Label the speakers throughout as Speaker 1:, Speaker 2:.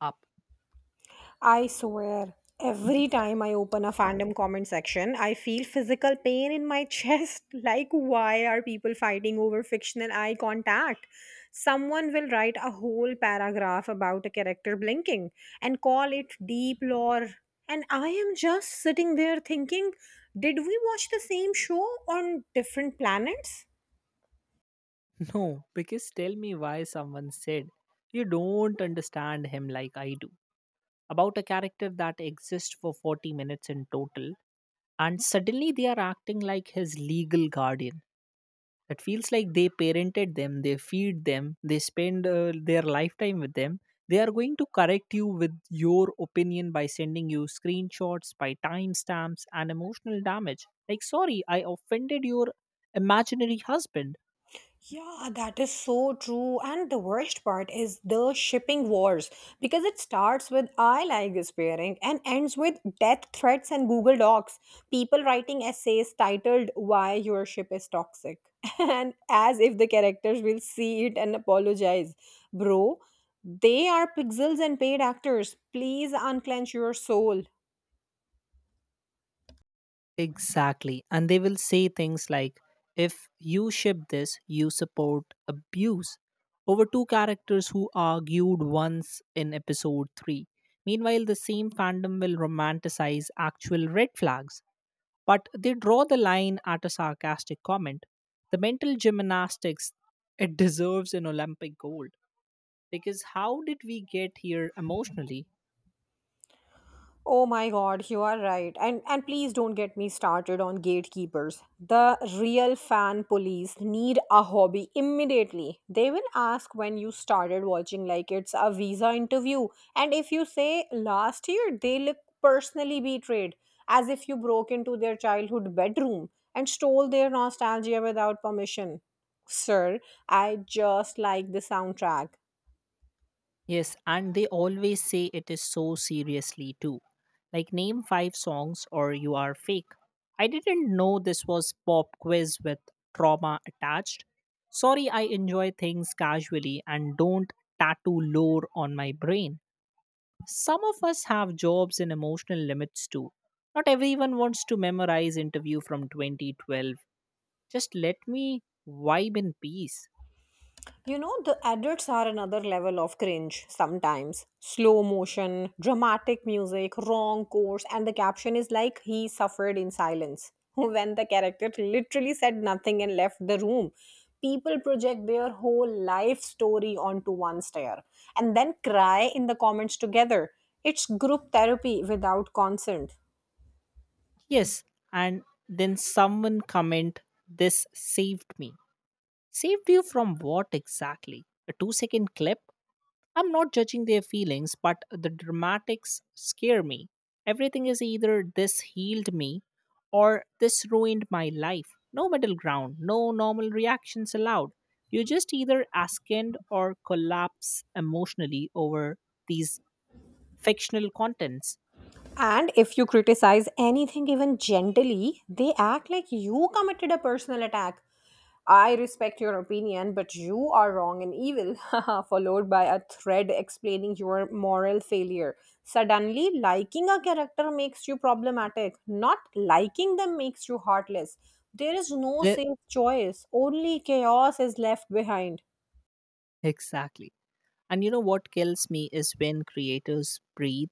Speaker 1: Up.
Speaker 2: I swear, every time I open a fandom comment section, I feel physical pain in my chest. Like, why are people fighting over fictional eye contact? Someone will write a whole paragraph about a character blinking and call it deep lore. And I am just sitting there thinking, did we watch the same show on different planets?
Speaker 1: No, because tell me why someone said you don't understand him like I do. About a character that exists for 40 minutes in total, and suddenly they are acting like his legal guardian. It feels like they parented them, they feed them, they spend their lifetime with them. They are going to correct you with your opinion by sending you screenshots, by timestamps and emotional damage. Like, sorry I offended your imaginary husband.
Speaker 2: Yeah, that is so true. And the worst part is the shipping wars because it starts with I like this pairing and ends with death threats and Google Docs. People writing essays titled Why Your Ship Is Toxic. And as if the characters will see it and apologize. Bro, they are pixels and paid actors. Please unclench your soul.
Speaker 1: Exactly. And they will say things like, if you ship this, you support abuse over two characters who argued once in episode 3. Meanwhile, the same fandom will romanticize actual red flags, but they draw the line at a sarcastic comment. The mental gymnastics, it deserves an Olympic gold. Because how did we get here emotionally?
Speaker 2: Oh my god, you are right. And please don't get me started on gatekeepers. The real fan police need a hobby immediately. They will ask when you started watching like it's a visa interview. And if you say last year, they look personally betrayed, as if you broke into their childhood bedroom and stole their nostalgia without permission. Sir, I just like the soundtrack.
Speaker 1: Yes, and they always say it is so seriously too. Like, name five songs or you are fake. I didn't know this was pop quiz with trauma attached. Sorry, I enjoy things casually and don't tattoo lore on my brain. Some of us have jobs and emotional limits too. Not everyone wants to memorize interview from 2012. Just let me vibe in peace.
Speaker 2: You know, the adults are another level of cringe sometimes. Slow motion, dramatic music, wrong course, and the caption is like he suffered in silence. When the character literally said nothing and left the room, people project their whole life story onto one stare and then cry in the comments together. It's group therapy without consent.
Speaker 1: Yes, and then someone comment, this saved me. Saved you from what exactly? A 2-second clip? I'm not judging their feelings, but the dramatics scare me. Everything is either this healed me or this ruined my life. No middle ground, no normal reactions allowed. You just either ascend or collapse emotionally over these fictional contents.
Speaker 2: And if you criticize anything, even gently, they act like you committed a personal attack. I respect your opinion, but you are wrong and evil, followed by a thread explaining your moral failure. Suddenly, liking a character makes you problematic. Not liking them makes you heartless. There is no
Speaker 1: The-
Speaker 2: safe choice, only chaos is left behind.
Speaker 1: exactly. And you know what kills me is when creators breathe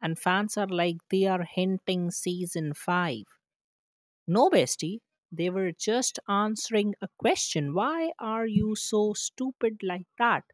Speaker 1: and fans are like they are hinting season 5. No, bestie. They were just answering a question. Why are you so stupid like that?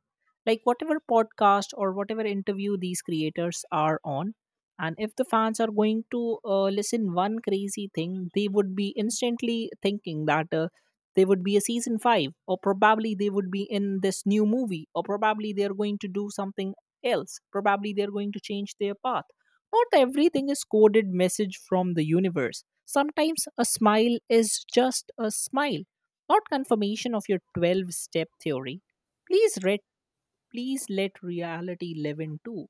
Speaker 1: Like, whatever podcast or whatever interview these creators are on, and if the fans are going to listen one crazy thing, they would be instantly thinking that they would be a season five, or probably they would be in this new movie, or probably they're going to do something else. Probably they're going to change their path. Not everything is coded message from the universe. Sometimes a smile is just a smile, not confirmation of your 12 step theory. Please read, please let reality live in too.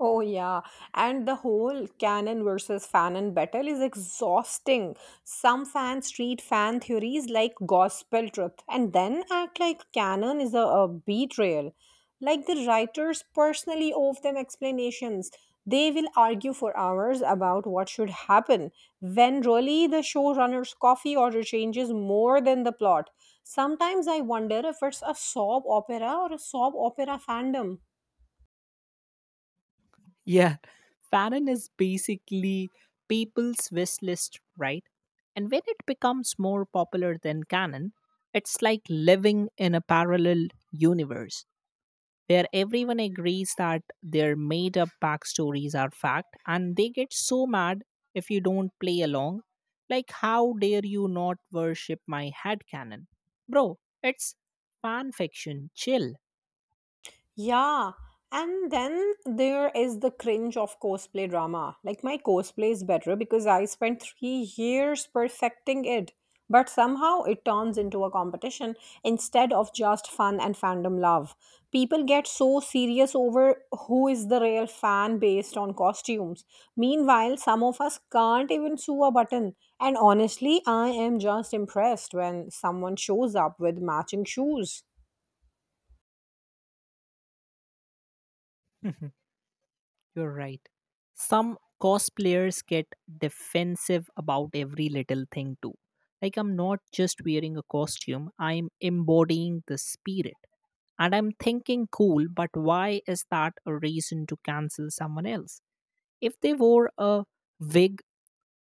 Speaker 2: Oh, yeah. And the whole canon versus fanon battle is exhausting. Some fans treat fan theories like gospel truth and then act like canon is a betrayal. Like the writers personally owe them explanations. They will argue for hours about what should happen when really the showrunner's coffee order changes more than the plot. Sometimes I wonder if it's a soap opera or a soap opera fandom.
Speaker 1: Yeah, fanon is basically people's wish list, right? And when it becomes more popular than canon, it's like living in a parallel universe, where everyone agrees that their made up backstories are fact, and they get so mad if you don't play along. Like, how dare you not worship my head cannon? Bro, it's fan fiction. Chill.
Speaker 2: Yeah, and then there is the cringe of cosplay drama. Like, my cosplay is better because I spent 3 years perfecting it, but somehow it turns into a competition instead of just fun and fandom love. People get so serious over who is the real fan based on costumes. Meanwhile, some of us can't even sew a button. And honestly, I am just impressed when someone shows up with matching shoes.
Speaker 1: You're right. Some cosplayers get defensive about every little thing, too. Like, I'm not just wearing a costume, I'm embodying the spirit. And I'm thinking, cool, but why is that a reason to cancel someone else? If they wore a wig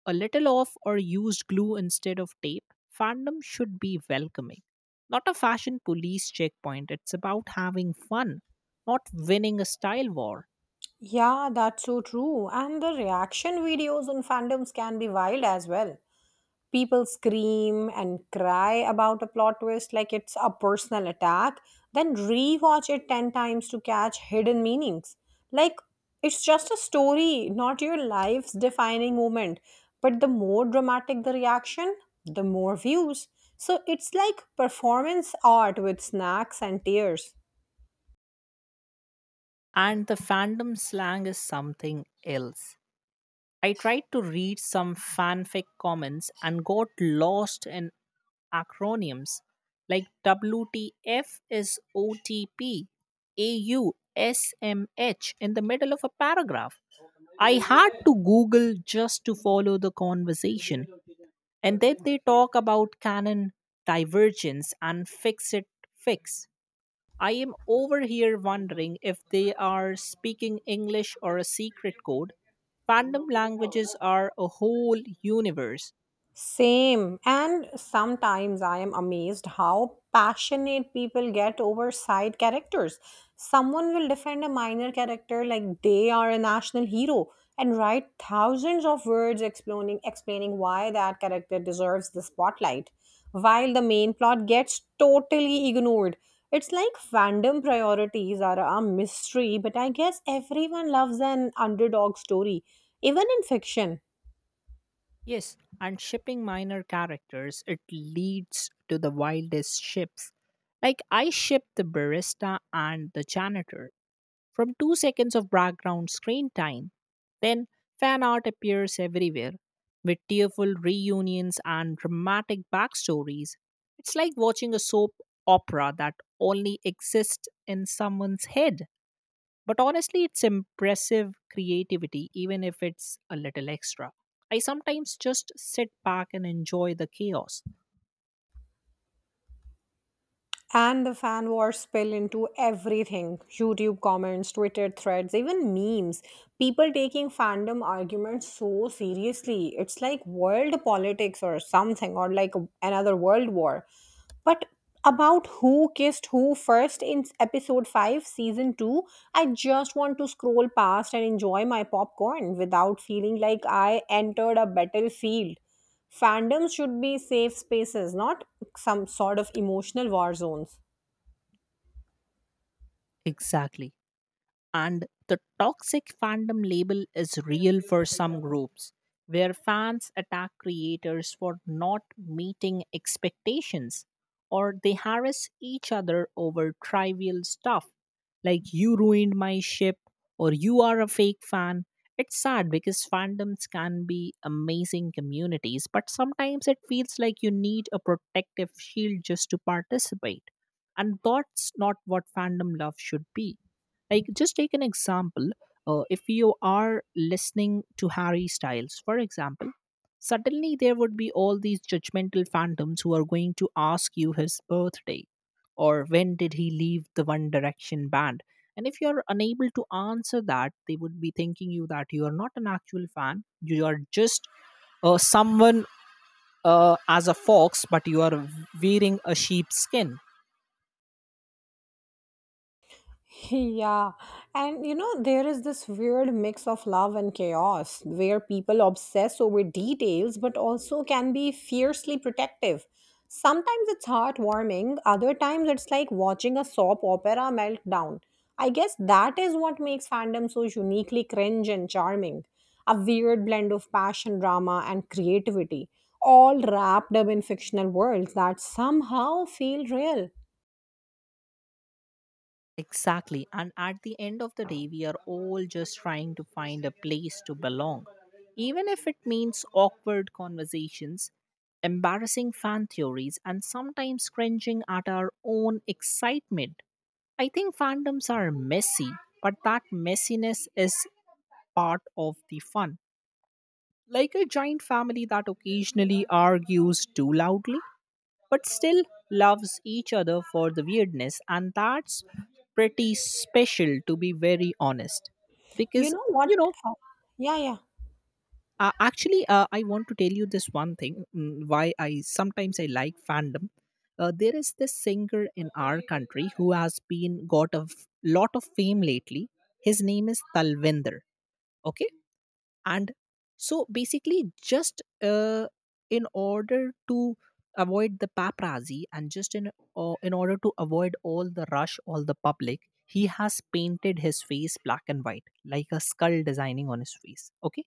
Speaker 1: a little off or used glue instead of tape, fandom should be welcoming. Not a fashion police checkpoint. It's about having fun, not winning a style war.
Speaker 2: Yeah, that's so true. And the reaction videos on fandoms can be wild as well. People scream and cry about a plot twist like it's a personal attack, then rewatch it 10 times to catch hidden meanings. Like, it's just a story, not your life's defining moment. But the more dramatic the reaction, the more views. So it's like performance art with snacks and tears.
Speaker 1: And the fandom slang is something else. I tried to read some fanfic comments and got lost in acronyms like WTF is OTP, AU, in the middle of a paragraph. I had to Google just to follow the conversation. And then they talk about canon divergence and fix it fix. I am over here wondering if they are speaking English or a secret code. Fandom languages are a whole universe.
Speaker 2: Same. And sometimes I am amazed how passionate people get over side characters. Someone will defend a minor character like they are a national hero and write thousands of words explaining why that character deserves the spotlight, while the main plot gets totally ignored. It's like fandom priorities are a mystery, but I guess everyone loves an underdog story, even in fiction.
Speaker 1: Yes, and shipping minor characters, it leads to the wildest ships. Like, I ship the barista and the janitor from 2 seconds of background screen time. Then fan art appears everywhere with tearful reunions and dramatic backstories. It's like watching a soap opera that only exists in someone's head. But honestly, it's impressive creativity, even if it's a little extra. I sometimes just sit back and enjoy the chaos.
Speaker 2: And the fan wars spill into everything: YouTube comments, Twitter threads, even memes. People taking fandom arguments so seriously. It's like world politics or something, or like another world war. But about who kissed who first in episode 5, season 2, I just want to scroll past and enjoy my popcorn without feeling like I entered a battlefield. Fandoms should be safe spaces, not some sort of emotional war zones.
Speaker 1: Exactly. And the toxic fandom label is real for some groups, where fans attack creators for not meeting expectations, or they harass each other over trivial stuff like you ruined my ship or you are a fake fan. It's sad because fandoms can be amazing communities, but sometimes it feels like you need a protective shield just to participate. And that's not what fandom love should be. Like, just take an example. If you are listening to Harry Styles, for example, suddenly there would be all these judgmental phantoms who are going to ask you his birthday or when did he leave the One Direction band. And if you're unable to answer that, they would be thinking you that you are not an actual fan. You are just someone, as a fox, but you are wearing a sheep's skin.
Speaker 2: Yeah, and you know, there is this weird mix of love and chaos where people obsess over details but also can be fiercely protective. Sometimes it's heartwarming, other times it's like watching a soap opera meltdown. I guess that is what makes fandom so uniquely cringe and charming. A weird blend of passion, drama, and creativity, all wrapped up in fictional worlds that somehow feel real.
Speaker 1: Exactly. And at the end of the day, we are all just trying to find a place to belong. Even if it means awkward conversations, embarrassing fan theories, and sometimes cringing at our own excitement. I think fandoms are messy, but that messiness is part of the fun. Like a giant family that occasionally argues too loudly but still loves each other for the weirdness. And that's pretty special, to be very honest.
Speaker 2: You
Speaker 1: Because,
Speaker 2: know
Speaker 1: you
Speaker 2: what?
Speaker 1: know,
Speaker 2: uh, yeah, yeah.
Speaker 1: actually, I want to tell you this one thing, why I sometimes I like fandom. There is this singer in our country who has been got a lot of fame lately. His name is Talvinder. Okay? And so basically just in order to avoid the paparazzi, and just in order to avoid all the rush, all the public, he has painted his face black and white like a skull designing on his face. Okay?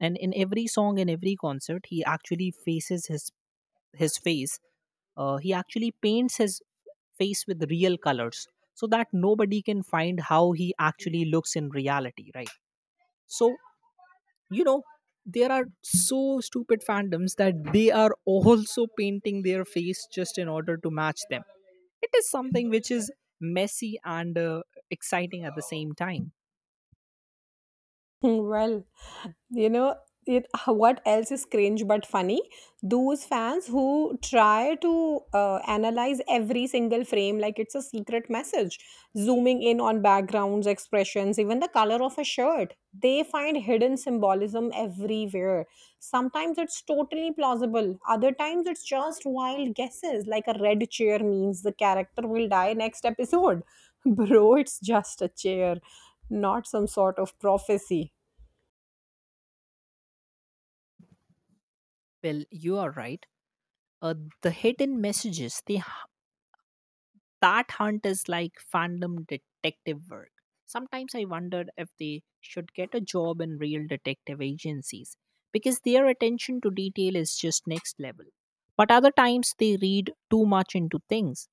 Speaker 1: And in every song, in every concert, he actually faces his face he actually paints his face with real colors so that nobody can find how he actually looks in reality, right? So you know, there are so stupid fandoms that they are also painting their face just in order to match them. It is something which is messy and exciting at the same time.
Speaker 2: Hmm. Well, you know, what else is cringe but funny? Those fans who try to analyze every single frame like it's a secret message, zooming in on backgrounds, expressions, even the color of a shirt. They find hidden symbolism everywhere. Sometimes it's totally plausible, other times it's just wild guesses, like a red chair means the character will die next episode. Bro, it's just a chair, not some sort of prophecy.
Speaker 1: Well, you are right. uh, the hidden messages, they that hunt is like fandom detective work. Sometimes I wondered if they should get a job in real detective agencies because their attention to detail is just next level. But other times they read too much into things.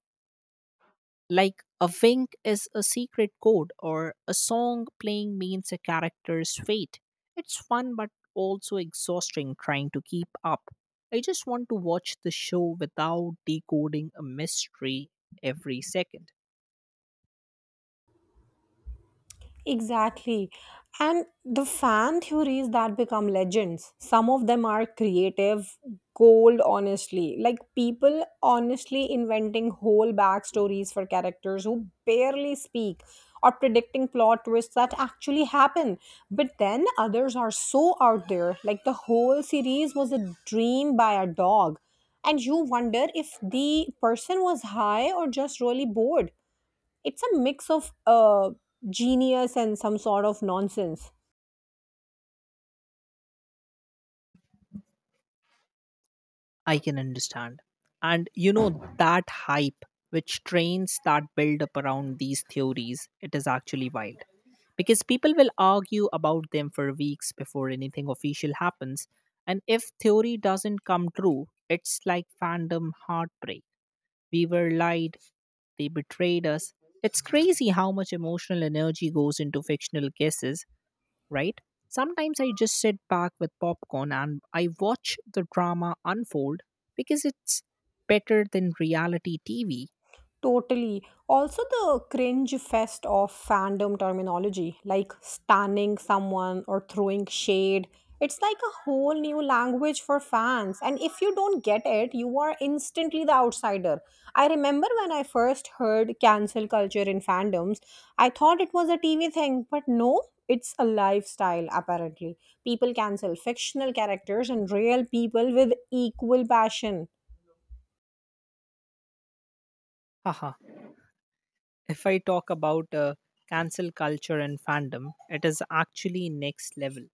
Speaker 1: Like a wink is a secret code or a song playing means a character's fate. It's fun but also exhausting trying to keep up. I just want to watch the show without decoding a mystery every second.
Speaker 2: Exactly. And the fan theories that become legends, some of them are creative gold, honestly. Like, people honestly inventing whole backstories for characters who barely speak or predicting plot twists that actually happen. But then others are so out there, like the whole series was a dream by a dog. And you wonder if the person was high or just really bored. It's a mix of genius and some sort of nonsense.
Speaker 1: I can understand. And you know, that hype which trains that build up around these theories, it is actually wild. Because people will argue about them for weeks before anything official happens. And if theory doesn't come true, it's like fandom heartbreak. We were lied, they betrayed us. It's crazy how much emotional energy goes into fictional guesses, right? Sometimes I just sit back with popcorn and I watch the drama unfold because it's better than reality TV.
Speaker 2: Totally. Also, the cringe fest of fandom terminology, like stunning someone or throwing shade. It's like a whole new language for fans. And if you don't get it, you are instantly the outsider. I remember when I first heard cancel culture in fandoms, I thought it was a TV thing, but no, it's a lifestyle, apparently. People cancel fictional characters and real people with equal passion.
Speaker 1: Haha, if I talk about cancel culture and fandom, it is actually next level.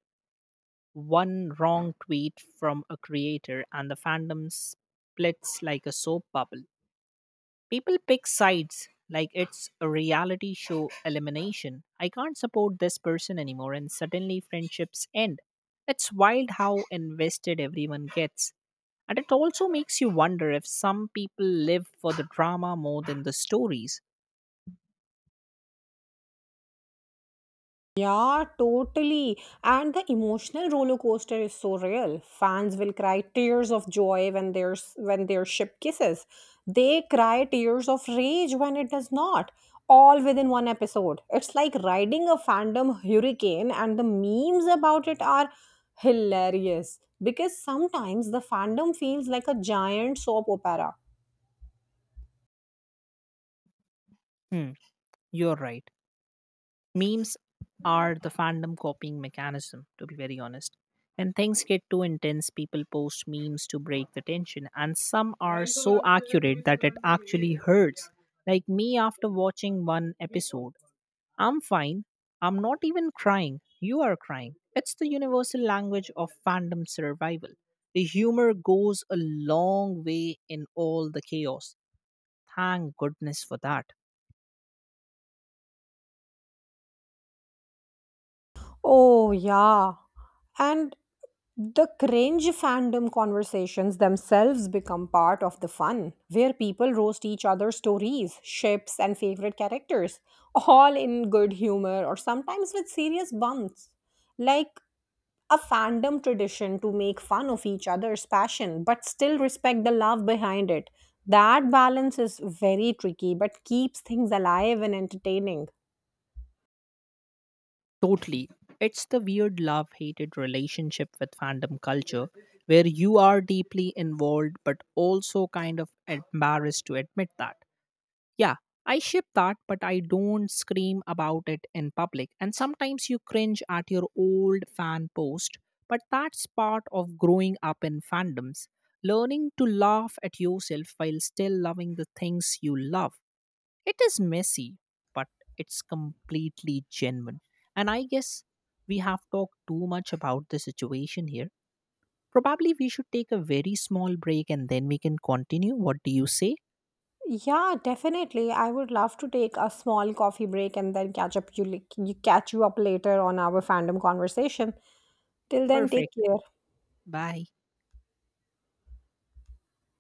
Speaker 1: One wrong tweet from a creator and the fandom splits like a soap bubble. People pick sides like it's a reality show elimination. I can't support this person anymore, and suddenly friendships end. It's wild how invested everyone gets. And it also makes you wonder if some people live for the drama more than the stories.
Speaker 2: Yeah, totally. And the emotional roller coaster is so real. Fans will cry tears of joy when their ship kisses. They cry tears of rage when it does not. All within one episode. It's like riding a fandom hurricane, and the memes about it are hilarious because sometimes the fandom feels like a giant soap opera.
Speaker 1: Hmm, you're right. Memes are the fandom copying mechanism, to be very honest. When things get too intense, people post memes to break the tension, and some are so accurate that it actually hurts. Like me after watching one episode, I'm fine. I'm not even crying. You are crying. It's the universal language of fandom survival. The humor goes a long way in all the chaos. Thank goodness for that.
Speaker 2: Oh yeah, and the cringe fandom conversations themselves become part of the fun, where people roast each other's stories, ships, and favorite characters, all in good humor or sometimes with serious bumps. Like a fandom tradition to make fun of each other's passion but still respect the love behind it. That balance is very tricky but keeps things alive and entertaining.
Speaker 1: Totally. It's the weird love hated relationship with fandom culture where you are deeply involved but also kind of embarrassed to admit that. Yeah, I ship that, but I don't scream about it in public. And sometimes you cringe at your old fan post, but that's part of growing up in fandoms. Learning to laugh at yourself while still loving the things you love. It is messy, but it's completely genuine. And I guess we have talked too much about the situation here. Probably we should take a very small break and then we can continue. What do you say?
Speaker 2: Yeah, definitely. I would love to take a small coffee break and then catch up you, like, you catch you up later on our fandom conversation. Till then, take
Speaker 1: Perfect.
Speaker 2: care.
Speaker 1: Bye.